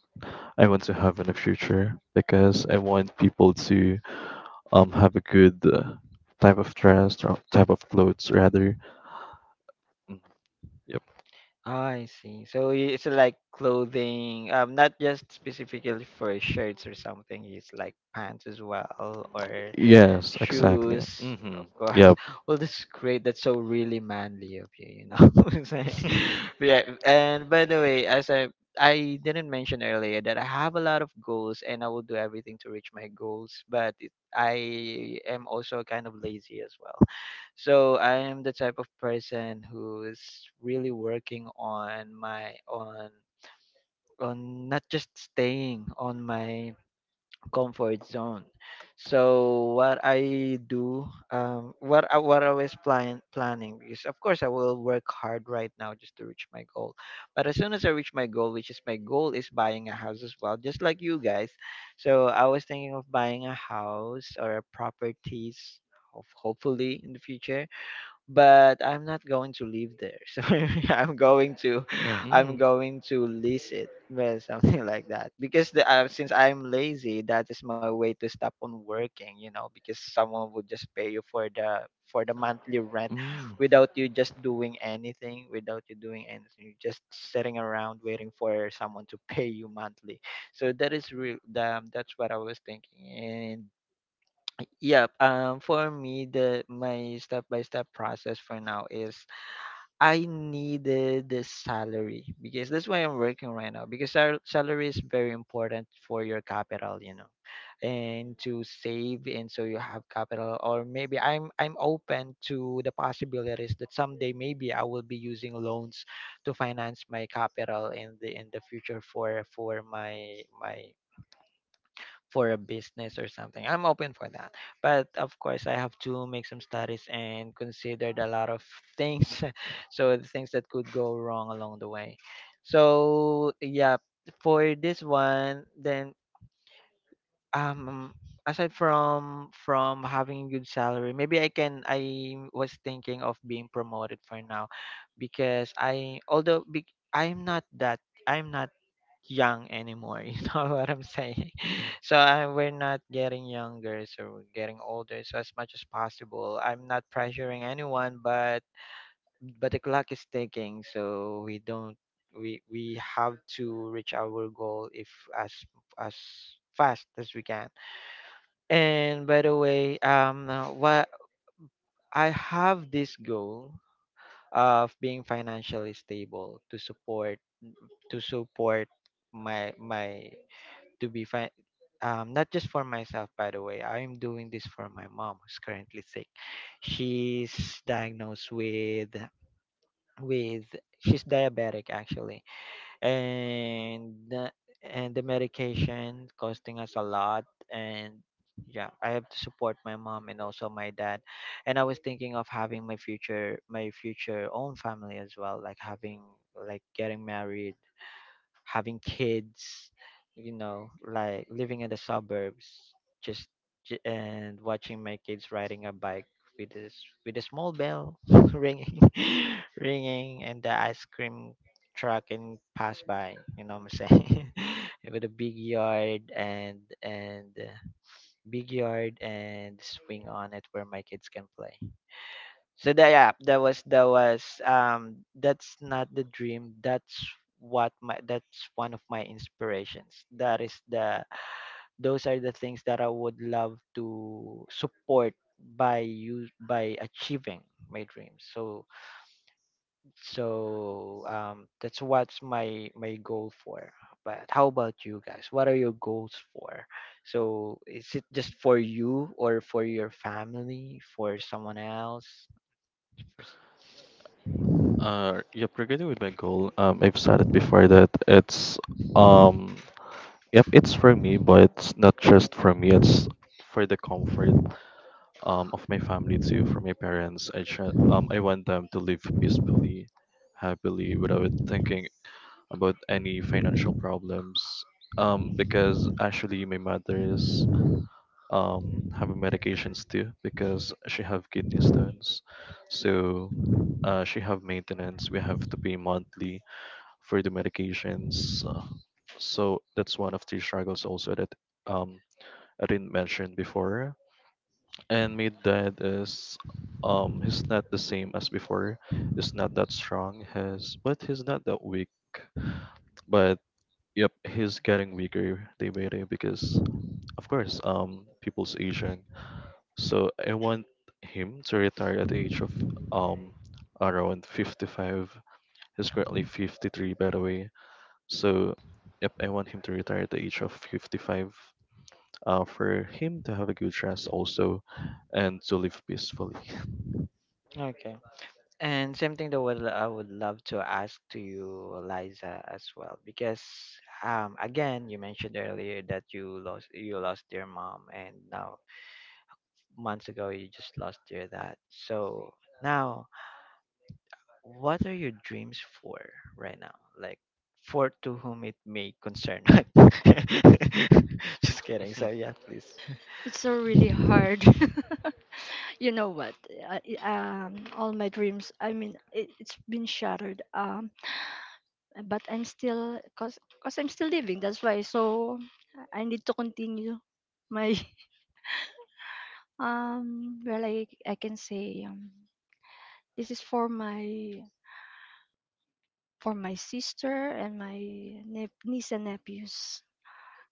S3: I want to have in the future because I want people to have a good type of dress or type of clothes rather. Mm. Yep.
S1: I see. So I- it's like clothing, not just specifically for shirts or something. It's like pants as well, or
S3: Yes, exactly.
S1: shoes,
S3: Mm-hmm.
S1: of course.
S3: Yep.
S1: Well, that's great. That's so really manly of you, you know. what I yeah. And by the way, as I didn't mention earlier that I have a lot of goals and I will do everything to reach my goals, but it, I am also kind of lazy as well. So I am the type of person who is really working on my on not just staying on my comfort zone. So what I do, what I, what I was planning is, of course, I will work hard right now just to reach my goal. But as soon as I reach my goal, which is my goal is buying a house as well, just like you guys. So I was thinking of buying a house or a properties, hopefully in the future, but I'm not going to live there. So Yeah. I'm
S3: Mm.
S1: going to lease it, well, something like that. Because the, since I'm lazy, that is my way to stop on working. You know, because someone would just pay you for the monthly rent,
S3: Mm.
S1: without you just doing anything, without you doing anything, you're just sitting around waiting for someone to pay you monthly. So that is real. That's what I was thinking, and yep, for me, the my step-by-step process for now is I needed the salary because that's why I'm working right now because salary is very important for your capital, you know, and to save and so you have capital. Or maybe I'm open to the possibilities that someday maybe I will be using loans to finance my capital in the future for my my for a business or something. I'm open for that. But of course, I have to make some studies and considered a lot of things. So the things that could go wrong along the way. So yeah, for this one, then um aside from having a good salary, maybe I can I was thinking of being promoted for now because I'm not that I'm not young anymore. You know what I'm saying? So I, we're not getting younger, so we're getting older. So as much as possible, I'm not pressuring anyone, but the clock is ticking, so we don't we have to reach our goal if as as fast as we can. And by the way, what I have this goal of being financially stable to support my to be fine. Not just for myself, by the way. I'm doing this for my mom, who's currently sick. She's diagnosed with she's diabetic actually, and uh, and the medication costing us a lot. And yeah, I have to support my mom and also my dad. And I was thinking of having my future own family as well, like having like getting married, having kids, you know, like living in the suburbs, just and watching my kids riding a bike with this with a small bell ringing, ringing, and the ice cream truck and pass by. You know what I'm saying? with a big yard and big yard and swing on it where my kids can play. So that yeah, that's not the dream. That's one of my inspirations. That is the Those are the things that I would love to support by achieving my dreams. So that's what's my my goal for. But how about you guys? What are your goals for? So is it just for you or for your family, for someone else?
S3: Yep, regarding with my goal, I've said it before that it's um, yep, it's for me, but it's not just for me. It's for the comfort of my family too, for my parents. I want them to live peacefully, happily, without thinking about any financial problems. Because actually my mother is having medications too because she have kidney stones. So she have maintenance. We have to pay monthly for the medications. So that's one of the struggles also that um I didn't mention before. And my dad is he's not the same as before. He's not that strong. Has, but he's not that weak, but yep, he's getting weaker day by day because, of course, people's aging. So I want him to retire at the age of um around 55. He's currently 53, by the way. So, yep, I want him to retire at the age of 55. For him to have a good rest also, and to live peacefully.
S1: Okay. And same thing that would I would love to ask to you, Liza, as well, because again, you mentioned earlier that you lost your mom, and now months ago you just lost your dad. So now, what are your dreams for right now? Like for to whom it may concern. Just kidding. So yeah, please.
S2: It's so really hard. You know what? All my dreams. I mean, it, it's been shattered. But I'm still, cause, cause I'm still living. That's why. So I need to continue my um. Well, I can say, this is for my, for my sister and my niece and nephews.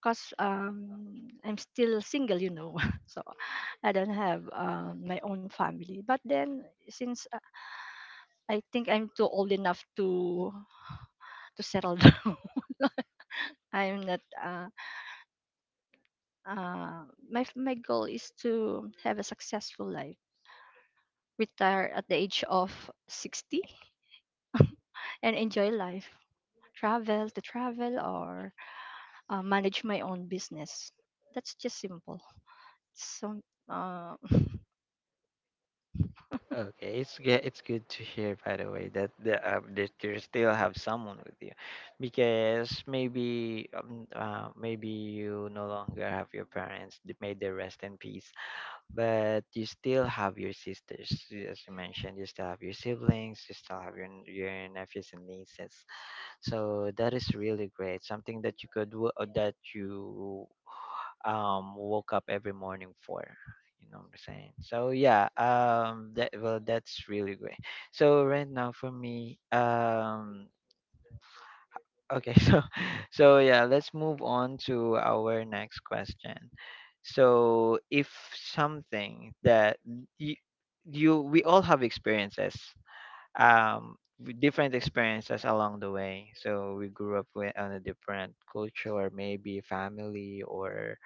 S2: Cause I'm still single, you know, so I don't have my own family. But then since I think I'm too old enough to settle down. I'm not. My my goal is to have a successful life, retire at the age of 60, and enjoy life. Travel to travel or manage my own business. That's just simple. So. Uh,
S1: Okay, it's good. It's good to hear, by the way, that the that you still have someone with you, because maybe you no longer have your parents. May they rest in peace. But you still have your sisters, as you mentioned. You still have your siblings. You still have your your nephews and nieces. So that is really great. Something that you could that you woke up every morning for. You know what I'm saying? So yeah, that, well, that's really great. So right now for me okay so so yeah, let's move on to our next question. So if something that you, you, we all have experiences, with different experiences along the way. So we grew up with on a different culture or maybe family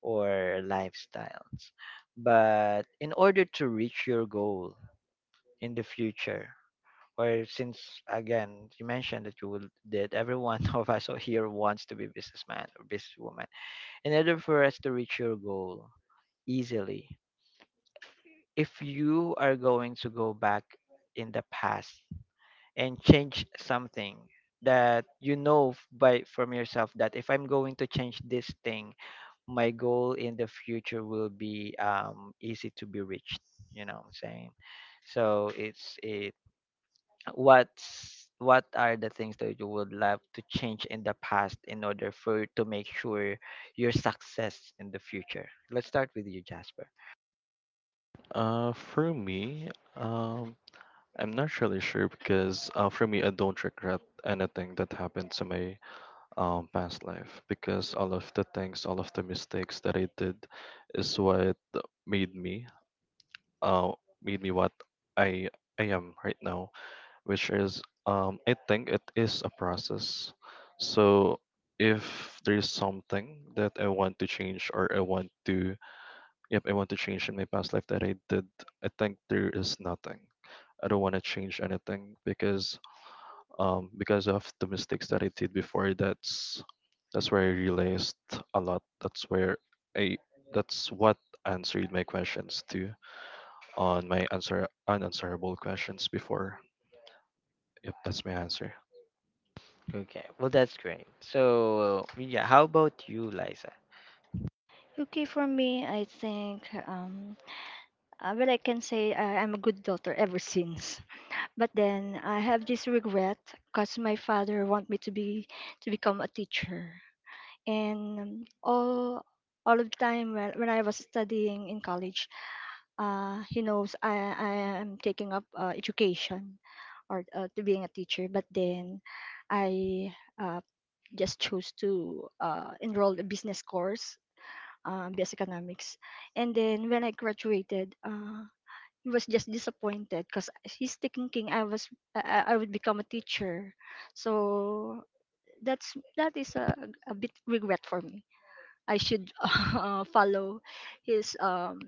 S1: or lifestyles. But in order to reach your goal in the future, or since again you mentioned that you will that every one of us here wants to be businessman or businesswoman, in order for us to reach your goal easily, if you are going to go back in the past and change something that you know by from yourself, that if I'm going to change this thing, my goal in the future will be easy to be reached. You know what I'm saying? So it's it what are the things that you would love to change in the past in order for to make sure your success in the future? Let's start with you, Jasper.
S3: For me, um, I'm not really sure because for me, I don't regret anything that happened to my past life because all of the things, all of the mistakes that I did is what made me uh made me what I I am right now, which is I think it is a process. So if there's something that I want to change or I want to change in my past life that I did, I think there is nothing. I don't want to change anything because of the mistakes that I did before. That's where I realized a lot. That's where I that's what answered my questions too on my answer unanswerable questions before. Yep, that's my answer.
S1: Okay, well that's great. So yeah, how about you, Liza?
S2: Okay, for me, I think, well, I can say I'm a good daughter ever since. But then I have this regret because my father want me to be to become a teacher. And all all of the time when I was studying in college, he knows I am taking up education or to being a teacher. But then I uh, just chose to enroll a business course, business economics. And then when I graduated, he was just disappointed because he's thinking I was I would become a teacher. So that's that is a bit regret for me. I should follow his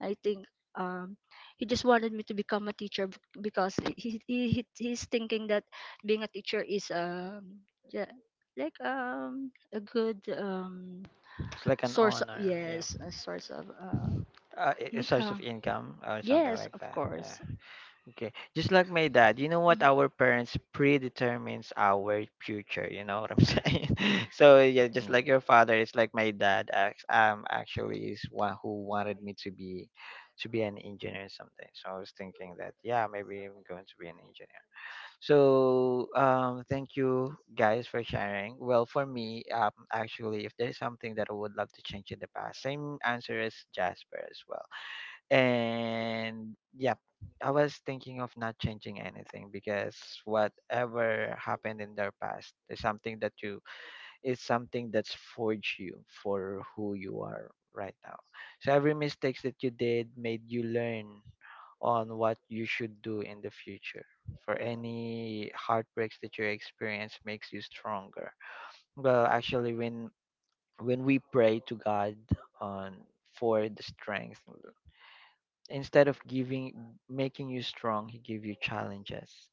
S2: I think um he just wanted me to become a teacher because he's thinking that being a teacher is yeah, like a good
S1: It's like an
S2: source of,
S1: honor, yeah.
S2: yes, a source of
S1: A source of
S2: income,
S1: income or something
S2: yes
S1: like
S2: of
S1: that, yeah.
S2: course.
S1: Okay. Just like my dad, you know what? Our parents predetermines our future. You know what I'm saying? So yeah, just
S3: Mm.
S1: like your father, it's like my dad. Actually, is one who wanted me to be an engineer or something. So I was thinking that yeah, maybe I'm going to be an engineer. So thank you guys for sharing. Well, for me, actually, if there's something that I would love to change in the past, same answer as Jasper as well, and yep, I was thinking of not changing anything because whatever happened in their past is something that you is something that's forged you for who you are right now. So every mistakes that you did made you learn on what you should do in the future. For any heartbreaks that you experience makes you stronger. Well, actually, when we pray to God on for the strength, instead of giving making you strong, he gives you challenges,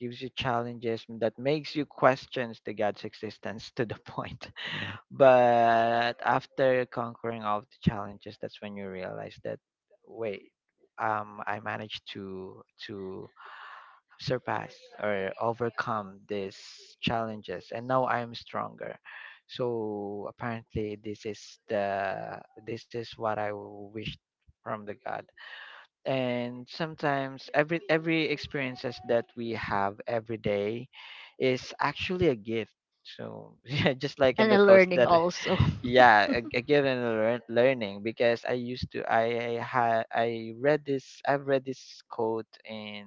S1: gives you challenges that makes you questions the god's existence to the point. But after conquering all the challenges, that's when you realize that wait, I managed to surpass or overcome these challenges and now I'm stronger. So apparently this is the this is what I wish from the god. And sometimes every experiences that we have every day is actually a gift. So yeah, just like in
S2: And
S1: the
S2: a
S1: course
S2: learning
S1: that
S2: also.
S1: yeah, a gift and a learning. Because I used to, I read this, I've read this quote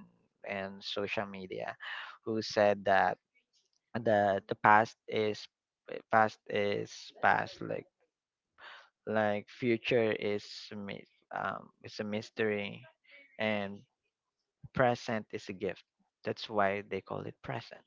S1: in social media who said that the past is, past is past, like future is a mi- it's a mystery, and present is a gift. That's why they call it present.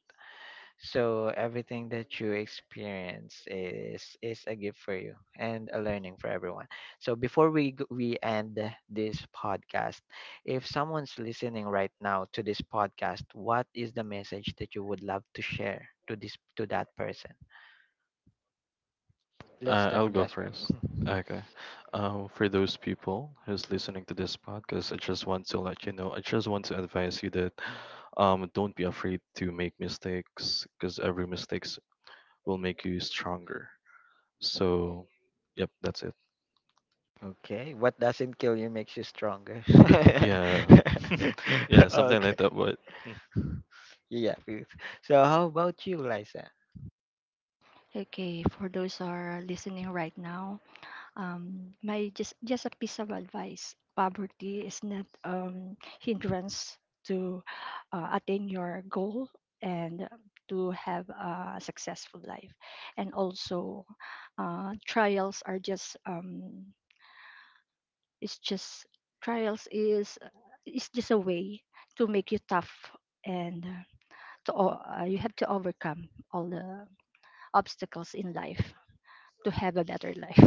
S1: So everything that you experience is a gift for you and a learning for everyone. So before we end this podcast, if someone's listening right now to this podcast, what is the message that you would love to share to this to that person? Let's
S3: I'll
S1: start with
S3: go
S1: Jasper.
S3: first. Okay. For those people who's listening to this podcast, I just want to let you know. I just want to advise you that don't be afraid to make mistakes because every mistakes will make you stronger. So, yep, that's it.
S1: Okay, what doesn't kill you makes you stronger.
S3: Yeah, yeah, something like
S1: Okay.
S3: that. But hmm,
S1: Yeah. Oof. So how about you, Liza?
S2: Okay, for those who are listening right now, my just a piece of advice, poverty is not hindrance to attain your goal and to have a successful life. And also trials are just it's just trials is just a way to make you tough, and you have to overcome all the obstacles in life to have a better life.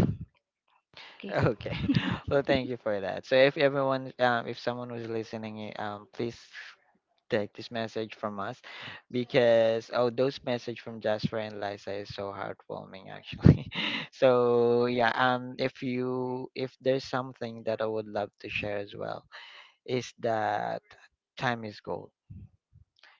S2: Okay.
S1: Okay. Well, thank you for that. So if everyone, if someone was listening, please take this message from us, because oh, those message from Jasper and Liza is so heartwarming actually. So yeah, if you if there's something that I would love to share as well is that time is gold.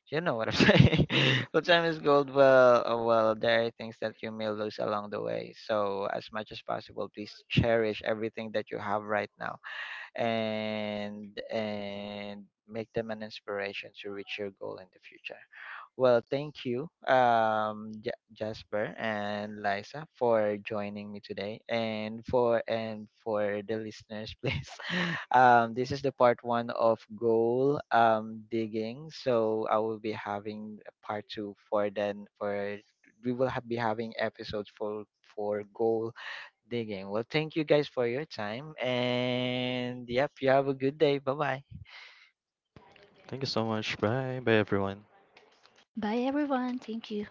S1: You know what I'm saying? Well, time is gold. Well, there are things that you may lose along the way. So, as much as possible, please cherish everything that you have right now, and make them an inspiration to reach your goal in the future. Well, thank you, Ja Jasper and Liza, for joining me today, and for the listeners, please. This is the part one of goal digging. So I will be having a part two for then for we will have, be having episodes for goal digging. Well, thank you guys for your time, and yep, you have a good day. Bye bye.
S3: thank you so much. Bye, bye, everyone.
S2: Bye everyone. Thank you.